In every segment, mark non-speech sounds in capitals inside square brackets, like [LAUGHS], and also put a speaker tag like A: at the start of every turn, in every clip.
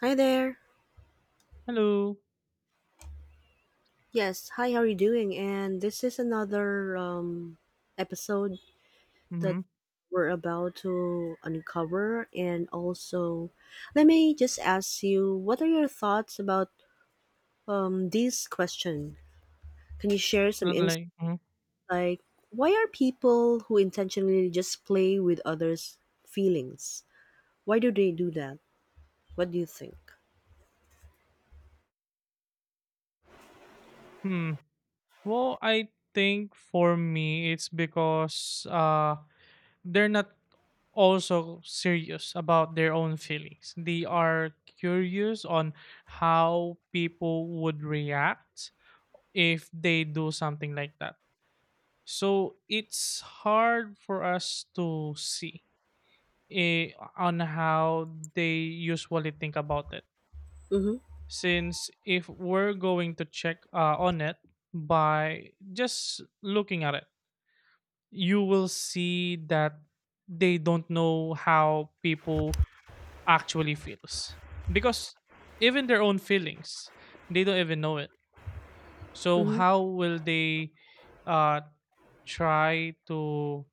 A: Hi there.
B: Hello.
A: Yes, hi, how are you doing? And this is another episode that
B: Mhm.
A: we're about to uncover. And also, let me just ask you what are your thoughts about this question? Can you share some insight?
B: Like, mhm.
A: Like, why are people who intentionally just play with others' feelings? Why do they do that? What do you think?
B: Hmm. Well, I think for me it's because they're not also serious about their own feelings. They are curious on how people would react if they do something like that. So it's hard for us to see eh, on how they usually think about it.
A: Mm hmm.
B: Since if we're going to check on it by just looking at it, you will see that they don't know how people actually feels, because even their own feelings they don't even know it. So
A: Mm hmm.
B: how will they uh try to,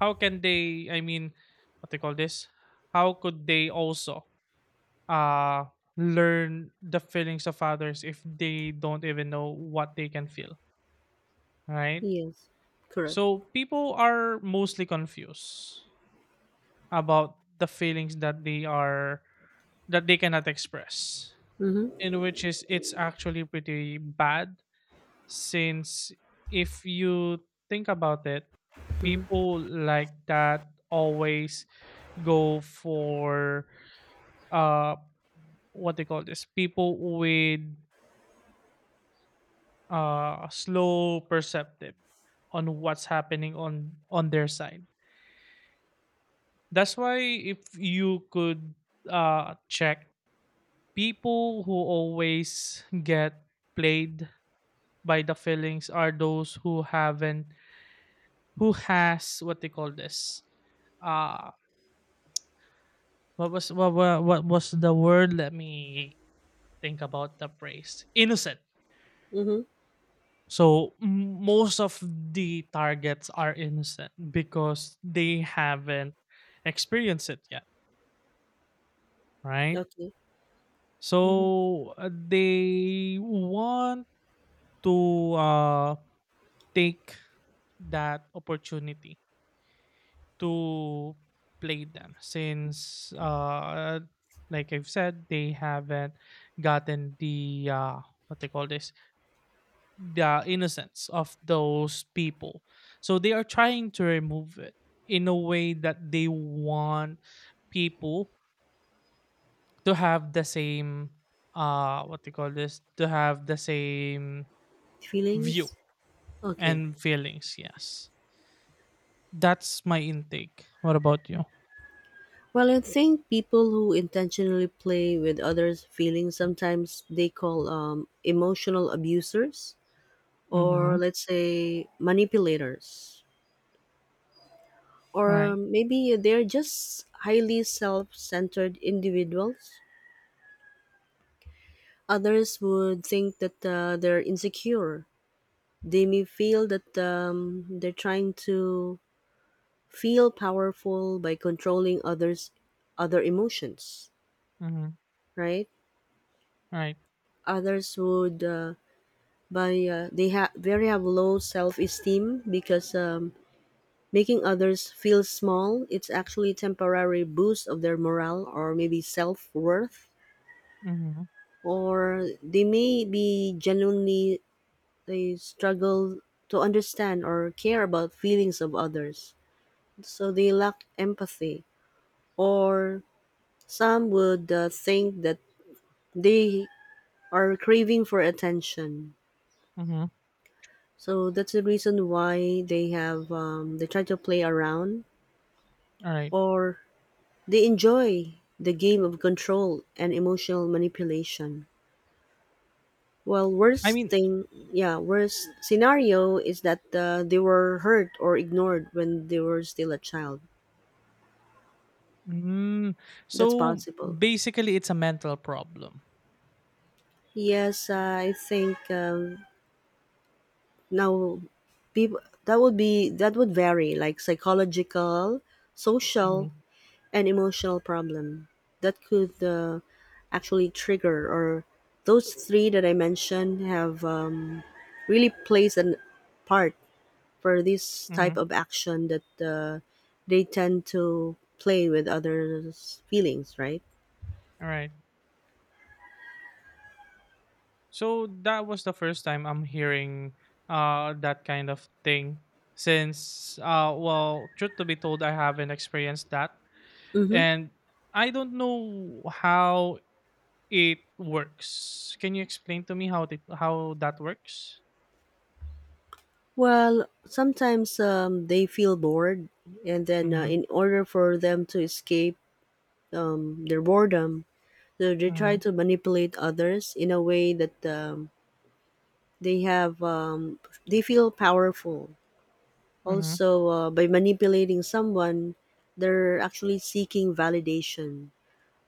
B: how can they, I mean, what they call this, how could they also uh learn the feelings of others if they don't even know what they can feel, right?
A: Yes, correct.
B: So people are mostly confused about the feelings that they cannot express,
A: Mm
B: in which is it's actually pretty bad, since if you think about it,
A: hmm. Mm
B: people like that always go for, uh what they call this, people with slow perceptive on what's happening on their side. That's why if you could check, people who always get played by the feelings are those who haven't, who has what they call this, uh what was what was the word, let me think about the phrase, innocent.
A: hmm.
B: So most of the targets are innocent because they haven't experienced it yet, right?
A: Okay. Mm-hmm.
B: So they want to take that opportunity to play them since, like I've said, they haven't gotten the what they call this, the innocence of those people. So they are trying to remove it in a way that they want people to have the same, what do you call this, to have the same view
A: Feelings? Okay.
B: and feelings, yes, that's my intake, what about you?
A: Well, I think people who intentionally play with others' feelings sometimes they call emotional abusers, or
B: Mm-hmm.
A: let's say manipulators.
B: All
A: Or
B: right.
A: maybe they're just highly self centered individuals. Others would think that they're insecure. They may feel that they're trying to feel powerful by controlling others' other emotions,
B: Mm-hmm.
A: right?
B: All right.
A: Others would by they have very have low self-esteem, because making others feel small, it's actually temporary boost of their morale or maybe self-worth.
B: Mm-hmm.
A: Or they may be genuinely, they struggle to understand or care about feelings of others, so they lack empathy. Or some would think that they are craving for attention.
B: Mm-hmm.
A: So that's the reason why they have they try to play around,
B: All right.
A: or they enjoy the game of control and emotional manipulation. Well,
B: I
A: worst
B: mean,
A: thing, yeah, worst scenario is that they were hurt or ignored when they were still a child.
B: mm,
A: That's
B: so
A: possible.
B: basically it's a mental problem.
A: Yes, I think now people that would be, that would vary like psychological, social,
B: Mm-hmm.
A: an emotional problem that could actually trigger, or those three that I mentioned have really plays a part for this type
B: Mm-hmm.
A: of action, that they tend to play with others feelings, right?
B: All right. So that was the first time I'm hearing that kind of thing, since well, truth to be told, I haven't experienced that,
A: Mm-hmm.
B: and I don't know how it works. Can you explain to me how that works?
A: Well sometimes they feel bored, and then in
B: Mhm.
A: order for them to escape their boredom, so they try
B: Mhm.
A: to manipulate others in a way that they have they feel powerful.
B: Mhm.
A: Also by manipulating someone, they're actually seeking validation,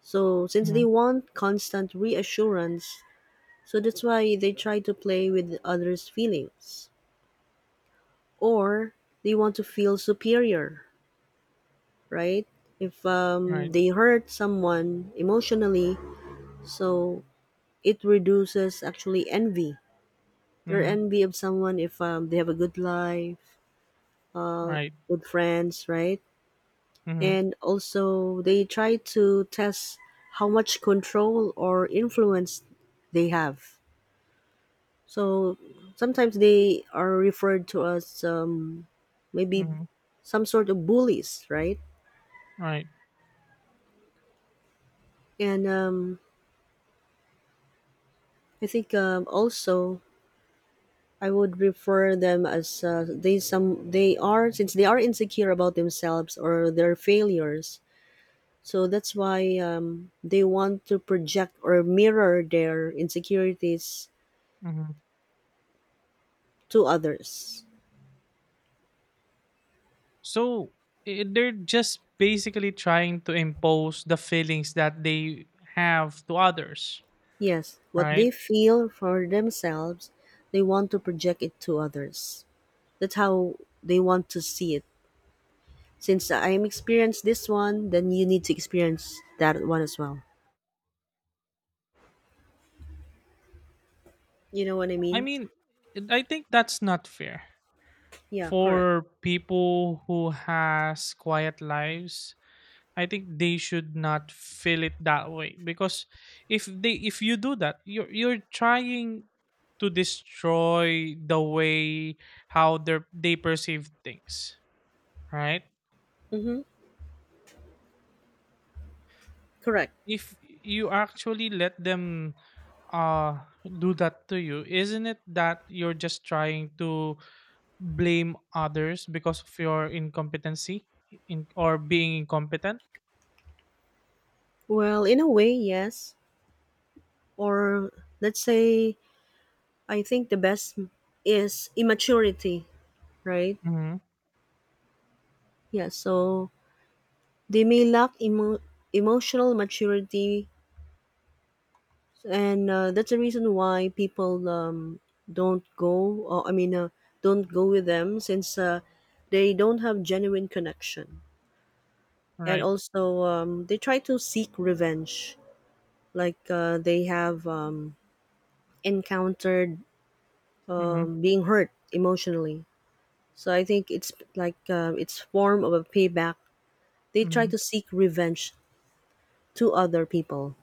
A: so since they
B: Mhm.
A: want constant reassurance, so that's why they try to play with others feelings, or they want to feel superior, right? If
B: Right.
A: they hurt someone emotionally, so it reduces actually envy, their
B: Mhm.
A: envy of someone, if they have a good life,
B: Right.
A: good friends, right?
B: Mhm.
A: And also they try to test how much control or influence they have. So sometimes they are referred to as maybe
B: Mhm.
A: some sort of bullies, right?
B: Right.
A: And I think also I would refer them as they are, since they are insecure about themselves or their failures. So that's why they want to project or mirror their insecurities
B: Mhm.
A: to others.
B: So they're just basically trying to impose the feelings that they have to others,
A: Yes, what
B: right?
A: they feel for themselves, they want to project it to others. That's how they want to see it. Since I am experienced this one, then you need to experience that one as well. You know what I
B: I
A: mean?
B: mean, I think that's not fair
A: Yeah, correct.
B: for people who has quiet lives. I think they should not feel it that way because if you do that, you're trying to destroy the way how they perceive things, right?
A: Mm-hmm. Correct.
B: If you actually let them do that to you, isn't it that you're just trying to blame others because of your incompetency, in or being incompetent?
A: Well, in a way, yes. Or let's say, I think the best is immaturity, right?
B: Hmm.
A: Yeah, so they may emotional maturity, and that's the reason why people don't go, or I mean don't go with them, since they don't have genuine connection. And
B: Right.
A: also they try to seek revenge, like they have encountered
B: Hmm.
A: being hurt emotionally, so I think it's like it's form of a payback, they try
B: Hmm.
A: to seek revenge to other people.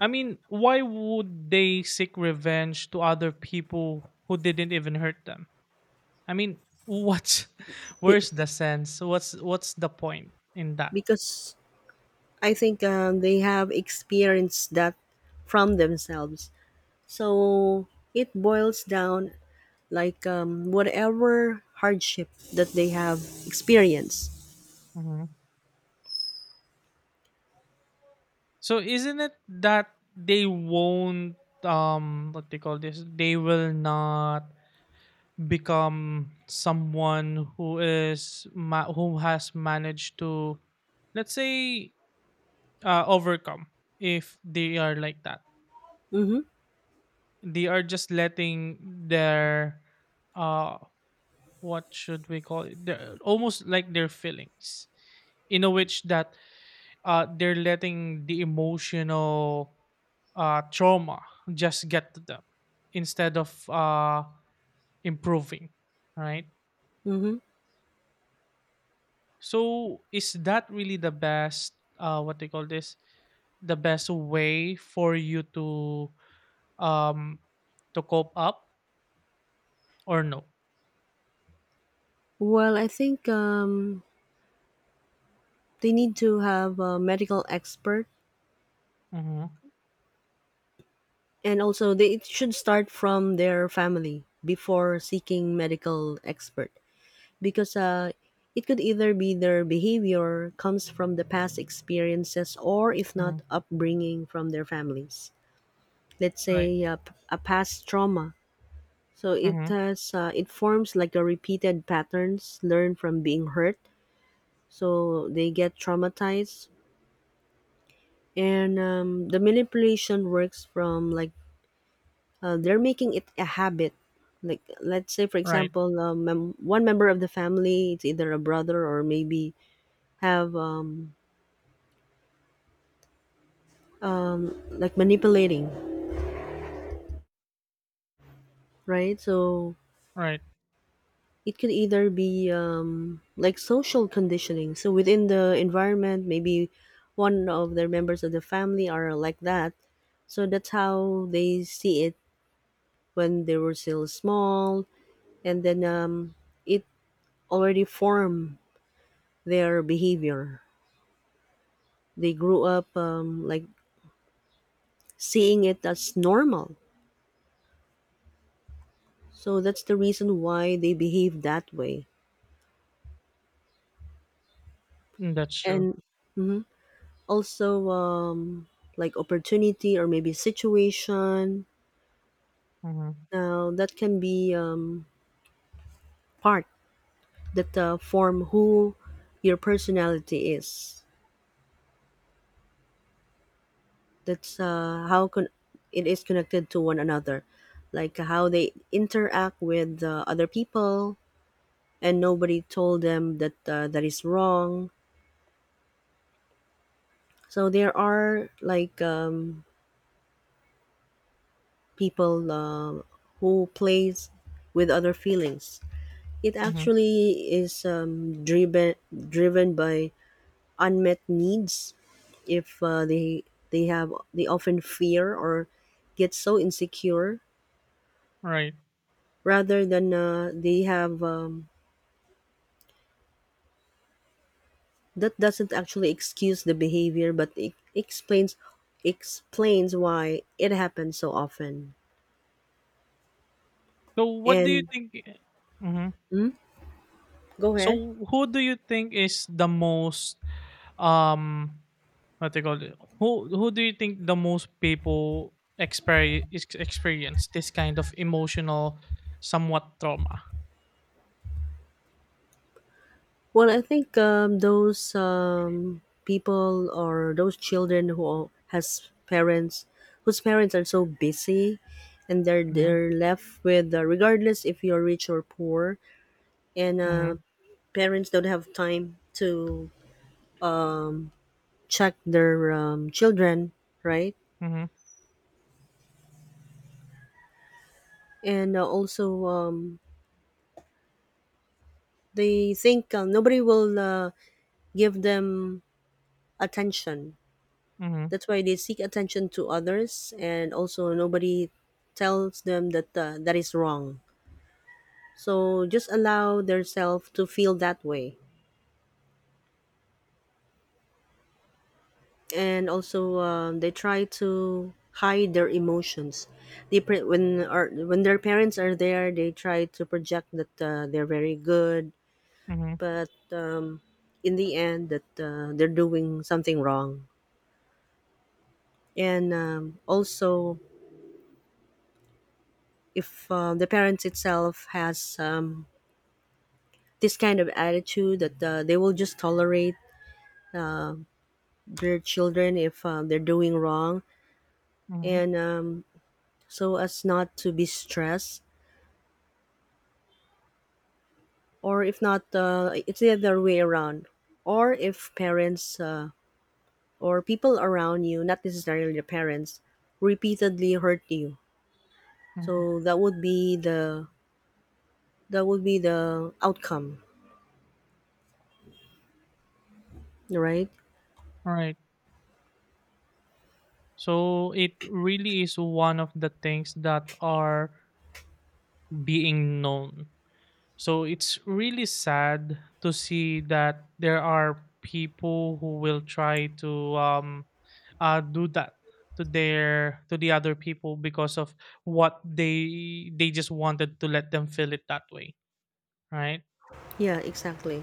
B: I mean, why would they seek revenge to other people who didn't even hurt them? I mean, what's [LAUGHS]
A: Be-
B: where's the sense, what's the point in that?
A: because I think they have experienced that from themselves. So it boils down like whatever hardship that they have experienced.
B: Hmm. So isn't it that they won't, what they call this, they will not become someone who is who has managed to, let's say, overcome if they are like that.
A: Mm-hmm.
B: They are just letting their, uh what should we call it, their, almost like their feelings, in a which that, they're letting the emotional, trauma just get to them, instead of improving, right?
A: Mm-hmm.
B: So is that really the best, what they call this, the best way for you to, um to cope up, or no?
A: Well, I think they need to have a medical expert,
B: Mm-hmm.
A: and also they it should start from their family before seeking medical expert, because it could either be their behavior comes from the past experiences, or if
B: Mm-hmm.
A: not upbringing from their families. Let's
B: Right.
A: say a past trauma. So it
B: Mm-hmm.
A: has it forms like a repeated patterns learned from being hurt. So they get traumatized, and the manipulation works from like they're making it a habit. Like let's say for
B: Right,
A: example, one member of the family, it's either a brother or maybe have like manipulating, right? So
B: right.
A: it could either be like social conditioning. So within the environment, maybe one of their members of the family are like that. So that's how they see it when they were still small, and then it already formed their behavior. They grew up like seeing it as normal. So that's the reason why they behave that way.
B: Mm, that's true.
A: And mhm, also like opportunity or maybe situation.
B: Mhm.
A: Now that can be part that form who your personality is. That's how it is connected to one another, like how they interact with other people, and nobody told them that that is wrong. So there are like people who plays with other feelings. It
B: Mhm.
A: actually is driven, driven by unmet needs. If they they have, they often fear or get so insecure,
B: Right.
A: rather than they have that doesn't actually excuse the behavior, but it explains why it happens so often.
B: So what do you
A: And
B: think? I Mhm.
A: go ahead.
B: So who do you think is the most, um, what they call it? Who do you think the most people experience, this kind of emotional, somewhat trauma?
A: Well, I think those people or those children who are- has parents, whose parents are so busy, and they're
B: Mhm.
A: they're left with regardless if you're rich or poor, and
B: Mhm.
A: parents don't have time to check their children, right?
B: Mhm.
A: And also they think nobody will give them attention.
B: Mhm.
A: That's why they seek attention to others, and also nobody tells them that that is wrong. So just allow themselves to feel that way, and also they try to hide their emotions. They when or when their parents are there, they try to project that they're very good,
B: Mhm.
A: but in the end, that they're doing something wrong. And also, if the parents itself has this kind of attitude that they will just tolerate their children if they're doing wrong,
B: Mhm.
A: and so as not to be stressed, or if not it's the other way around, or if parents or people around you, not necessarily the parents, repeatedly hurt you.
B: Mhm.
A: So that would be the, that would be the outcome, right?
B: Right. So it really is one of the things that are being known. So it's really sad to see that there are people who will try to, do that to the other people, because of what they just wanted to let them feel it that way, right?
A: Yeah, exactly.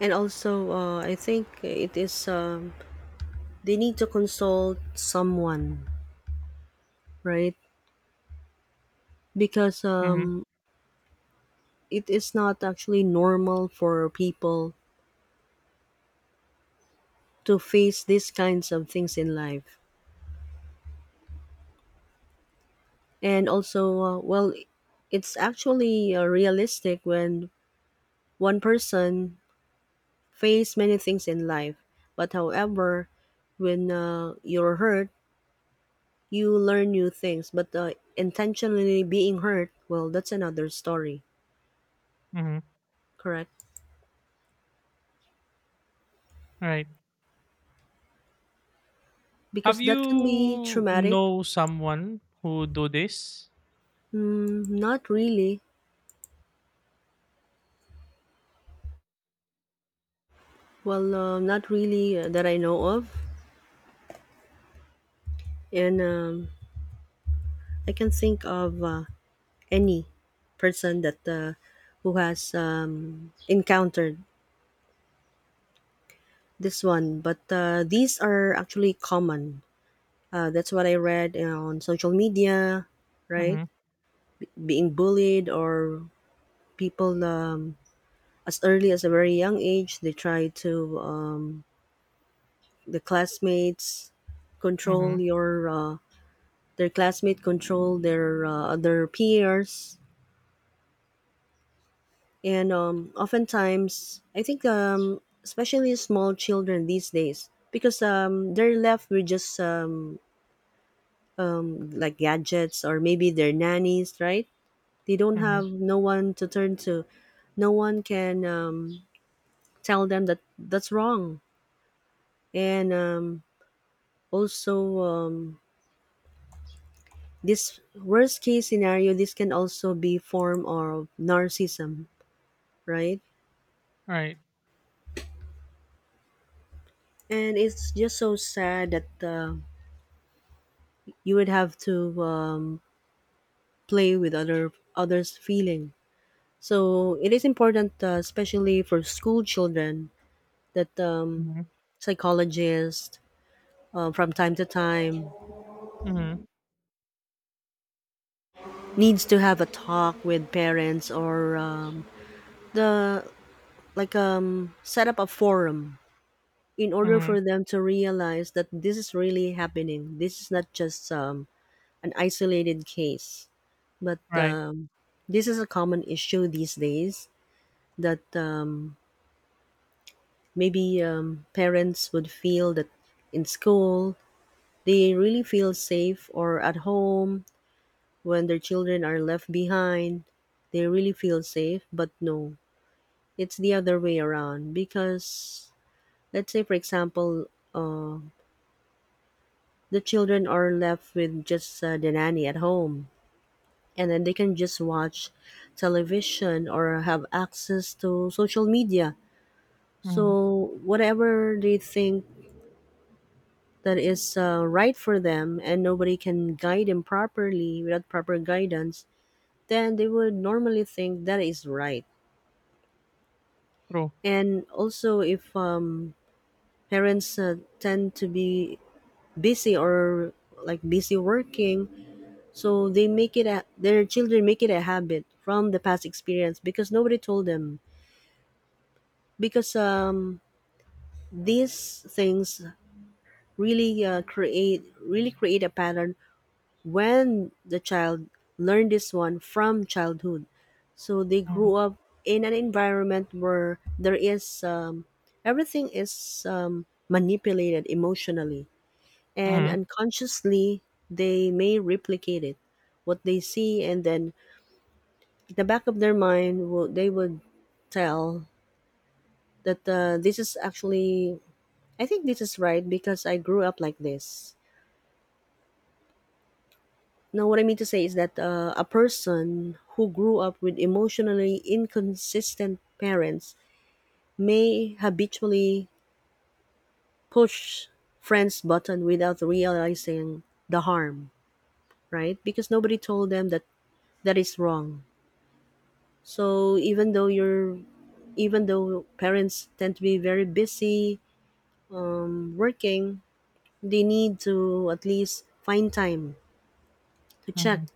A: And also I think it is they need to consult someone, right? Because
B: Mm-hmm.
A: it is not actually normal for people to face these kinds of things in life. And also, well, it's actually realistic when one person face many things in life. But however, when you're hurt, you learn new things. But intentionally being hurt, well, that's another story,
B: Mm-hmm.
A: correct?
B: Right.
A: Because
B: Have
A: that can be
B: you
A: traumatic.
B: know someone who do this?
A: Mm, not really. Well, not really that I know of, and I can think of any person that who has encountered this one. But these are actually common. That's what I read on social media, right?
B: Mm-hmm.
A: Being bullied, or people as early as a very young age, they try to the classmates
B: Mm-hmm.
A: control your uh, their classmates control their peers, and oftentimes I think especially small children these days, because they're left with just like gadgets or maybe their nannies, right? They don't
B: Mm-hmm.
A: have no one to turn to. No one can tell them that that's wrong, and also this worst case scenario, this can also be form of narcissism, right?
B: Right.
A: And it's just so sad that you would have to play with others' feeling. So it is important, especially for school children, that
B: Mm-hmm.
A: psychologists from time to time
B: Mm-hmm.
A: needs to have a talk with parents, or the, like set up a forum in order
B: Mm-hmm.
A: for them to realize that this is really happening. This is not just an isolated case, but
B: Right.
A: this is a common issue these days, that maybe parents would feel that in school they really feel safe, or at home when their children are left behind they really feel safe, but no, it's the other way around, because let's say for example the children are left with just the nanny at home, and then they can just watch television or have access to social media.
B: Mm-hmm.
A: So whatever they think that is right for them, and nobody can guide them properly without proper guidance, then they would normally think that is right.
B: True.
A: And also, if parents tend to be busy or like busy working, so they make it a, their children make it a habit from the past experience because nobody told them because these things really create really create a pattern when the child learned this one from childhood so they
B: Mm-hmm.
A: grew up in an environment where there is everything is manipulated emotionally and
B: Mm-hmm.
A: unconsciously they may replicate it what they see and then in the back of their mind they would tell that this is actually I think this is right because I grew up like this. Now, what I mean to say is that a person who grew up with emotionally inconsistent parents may habitually push friends button without realizing the harm, right? Because nobody told them that that is wrong. So even though you're even though parents tend to be very busy working, they need to at least find time to check
B: Mm-hmm.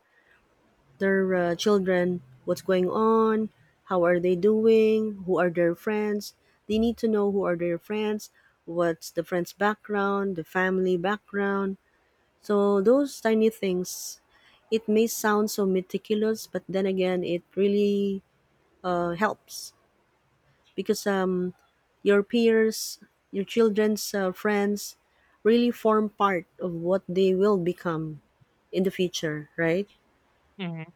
A: their children what's going on, how are they doing, who are their friends. They need to know who are their friends, what's the friend's background, the family background. So those tiny things, it may sound so meticulous, but then again, it really helps because your peers, your children's friends, really form part of what they will become in the future, right?
B: Mm-hmm.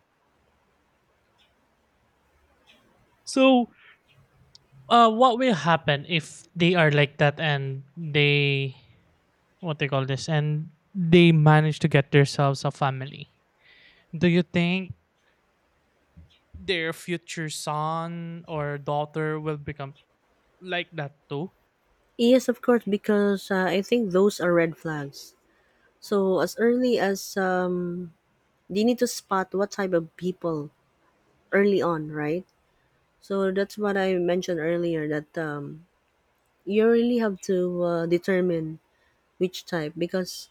B: So what will happen if they are like that, and they, what they call this, and they manage to get themselves a family, do you think their future son or daughter will become like that too?
A: Yes, of course, because I think those are red flags. So as early as they need to spot what type of people early on, right? So that's what I mentioned earlier that you really have to determine which type because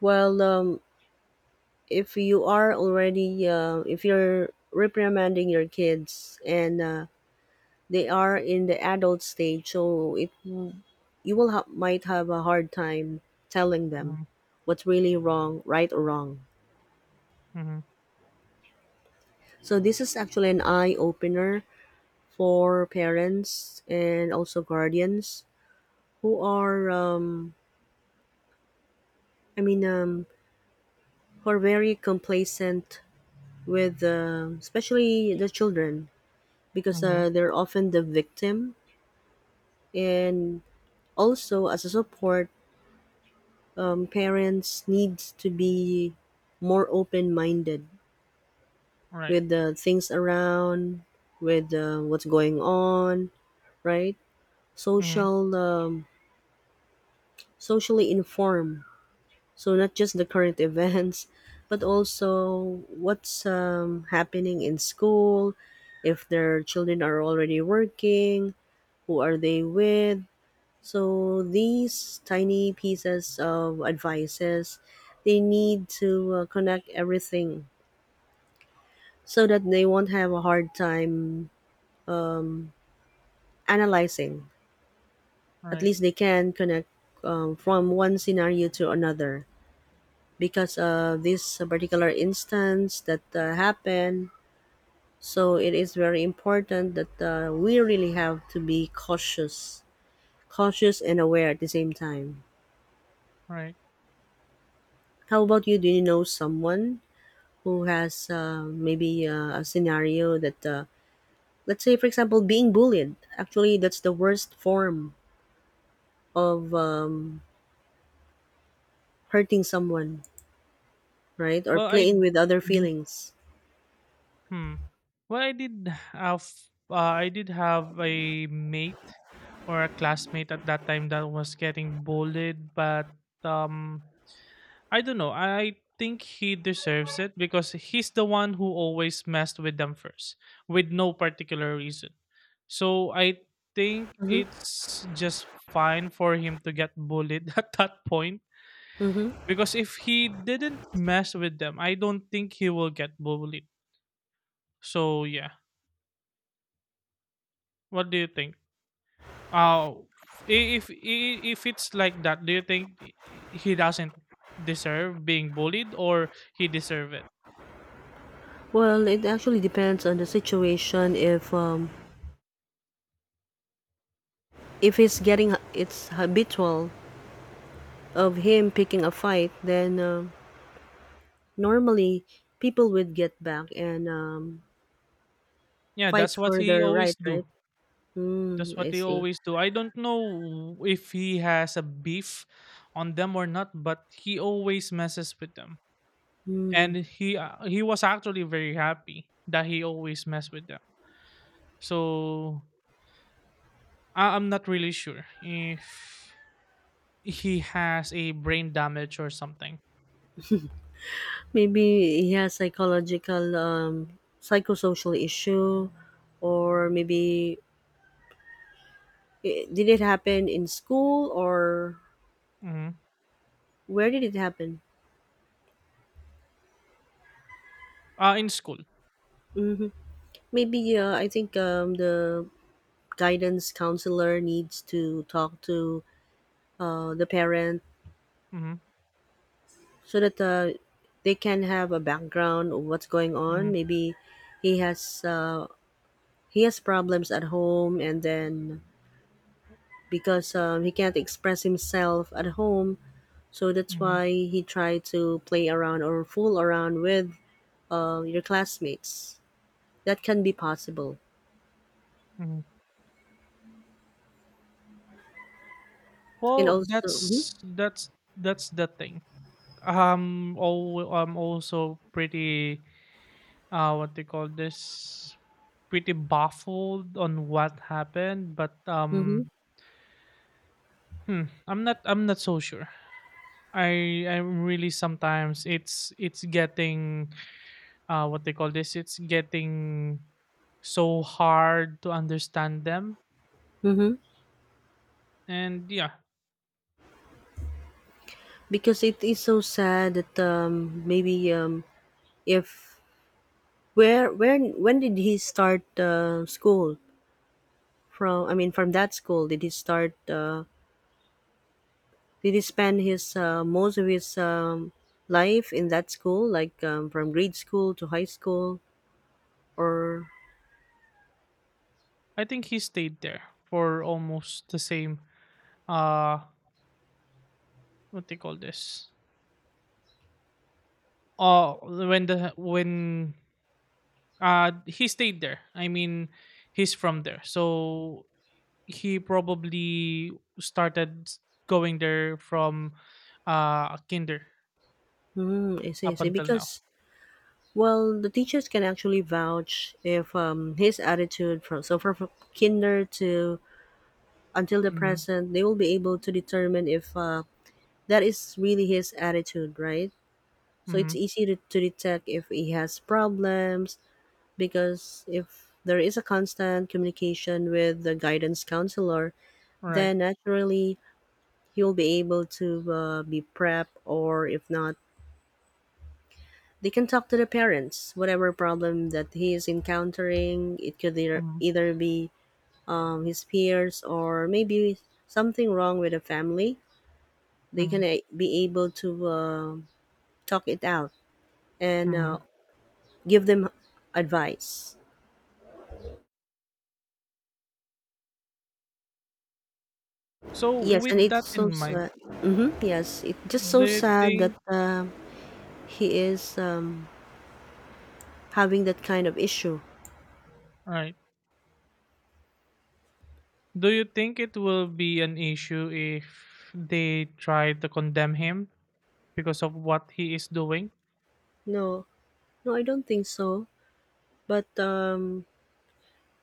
A: well, um, if you are already if you're reprimanding your kids and they are in the adult stage, so it you will ha- might have a hard time telling them
B: Mm-hmm.
A: what's really wrong, right or wrong.
B: Mm-hmm.
A: So this is actually an eye opener for parents and also guardians who are, I mean, um, who are very complacent with, especially the children, because
B: Mm-hmm.
A: they're often the victim. And also as a support, parents needs to be more open minded
B: Right.
A: with the things around, with what's going on, right?
B: Mm-hmm.
A: Social, um, socially informed. So not just the current [LAUGHS] events, but also what's happening in school, if their children are already working, who are they with, so these tiny pieces of advices, they need to connect everything so that they won't have a hard time analyzing. At
B: Right.
A: least they can connect from one scenario to another because of this particular instance that happened. So it is very important that we really have to be cautious, cautious and aware at the same time.
B: Right.
A: How about you? Do you know someone who has maybe a scenario that, let's say, for example, being bullied. Actually, that's the worst form of hurting someone, right? Or
B: Well, I
A: playing with other
B: mm-hmm.
A: feelings.
B: Hmm. Well, have I did have a mate, or a classmate at that time, that was getting bullied, but um, I don't know. I think he deserves it because he's the one who always messed with them first, with no particular reason. So I think
A: Mm-hmm.
B: it's just fine for him to get bullied [LAUGHS] at that point,
A: Mm-hmm.
B: because if he didn't mess with them, I don't think he will get bullied. So yeah, what do you think? Oh, if it's like that, do you think he doesn't deserve being bullied, or he deserve it?
A: Well, it actually depends on the situation. If it's habitual of him picking a fight, then normally people would get back and
B: Yeah,
A: fight
B: that's what
A: for
B: he
A: their
B: always
A: right,
B: do.
A: right?
B: That's
A: Mm,
B: what
A: I
B: he
A: see.
B: always do. I don't know if he has a beef on them or not, but he always messes with them. And he was actually very happy that he always mess with them. So I'm not really sure if he has a brain damage or something.
A: Maybe he has psychological, psychosocial issue, or maybe I did it happen in school or
B: Hmm.
A: where did it happen?
B: In school.
A: Maybe I think the guidance counselor needs to talk to the parent
B: Mhm.
A: so that they can have a background of what's going on.
B: Mhm.
A: Maybe he has uh, he has problems at home, and then because he can't express himself at home, so that's
B: Mhm.
A: why he tried to play around or fool around with your classmates. That can be possible.
B: Mhm.
A: And
B: Well,
A: also, mhm.
B: that's the thing. Oh, I'm also pretty, what do you call this, pretty baffled on what happened, but
A: Mm-hmm.
B: I'm not so sure. I'm really, sometimes it's getting, what they call this, it's getting so hard to understand them,
A: Mm-hmm.
B: and yeah,
A: Because it is so sad that maybe if where when did he start school from? I mean, from that school did he start? Did he spend his most of his life in that school, like from grade school to high school, or
B: I think he stayed there for almost the same, uh what they call this, oh, when, he stayed there, I mean, he's from there, so he probably started going there from, kinder,
A: mm, I see, I
B: up
A: see.
B: until now.
A: Because well, the teachers can actually vouch if his attitude from so from kinder to until the
B: Mm-hmm.
A: present, they will be able to determine if that is really his attitude, right? So
B: Mm-hmm.
A: it's easy to detect if he has problems because if there is a constant communication with the guidance counselor,
B: Right.
A: then naturally he will be able to be prep or if not they can talk to the parents. Whatever problem that he is encountering, it could either,
B: Mm-hmm.
A: either be his peers or maybe something wrong with the family. They
B: Mm-hmm.
A: can be able to talk it out and
B: Mm-hmm.
A: give them advice.
B: So
A: Yes,
B: with
A: and
B: that
A: it's so
B: in mind,
A: sad. Hmm, yes, it's just so
B: do you
A: sad that
B: think,
A: he is having that kind of issue.
B: right, do you think it will be an issue if they try to condemn him because of what he is doing?
A: No, no, I don't think so. But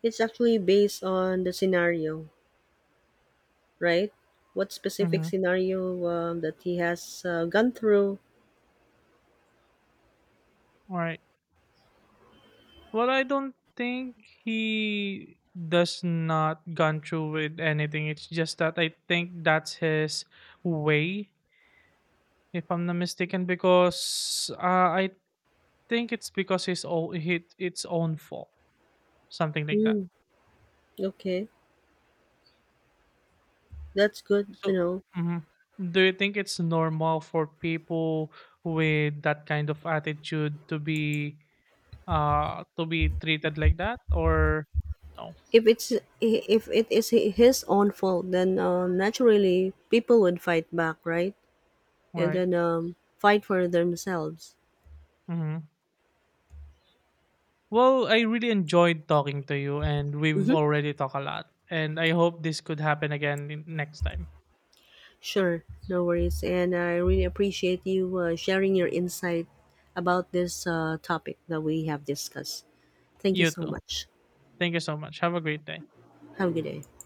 A: it's actually based on the scenario, right? What specific
B: Mm-hmm.
A: scenario that he has gone through?
B: All right. Well, I don't think he does not gone through with anything. It's just that I think that's his way, if I'm not mistaken, because I think it's because his own, hit its own fault, something like that.
A: Mm, okay, that's good to
B: So,
A: know.
B: mhm, do you think it's normal for people with that kind of attitude to be, to be treated like that, or no?
A: If it's if it is his own fault, then naturally people would fight back, right? And
B: Right.
A: then fight for themselves.
B: Mm-hmm. Well, I really enjoyed talking to you, and we've
A: Mm-hmm.
B: already talked a lot. And I hope this could happen again next time.
A: Sure, no worries. And I really appreciate you sharing your insight about this topic that we have discussed. Thank you
B: You
A: so
B: too.
A: much.
B: Thank you so much. Have a great day.
A: Have a good day.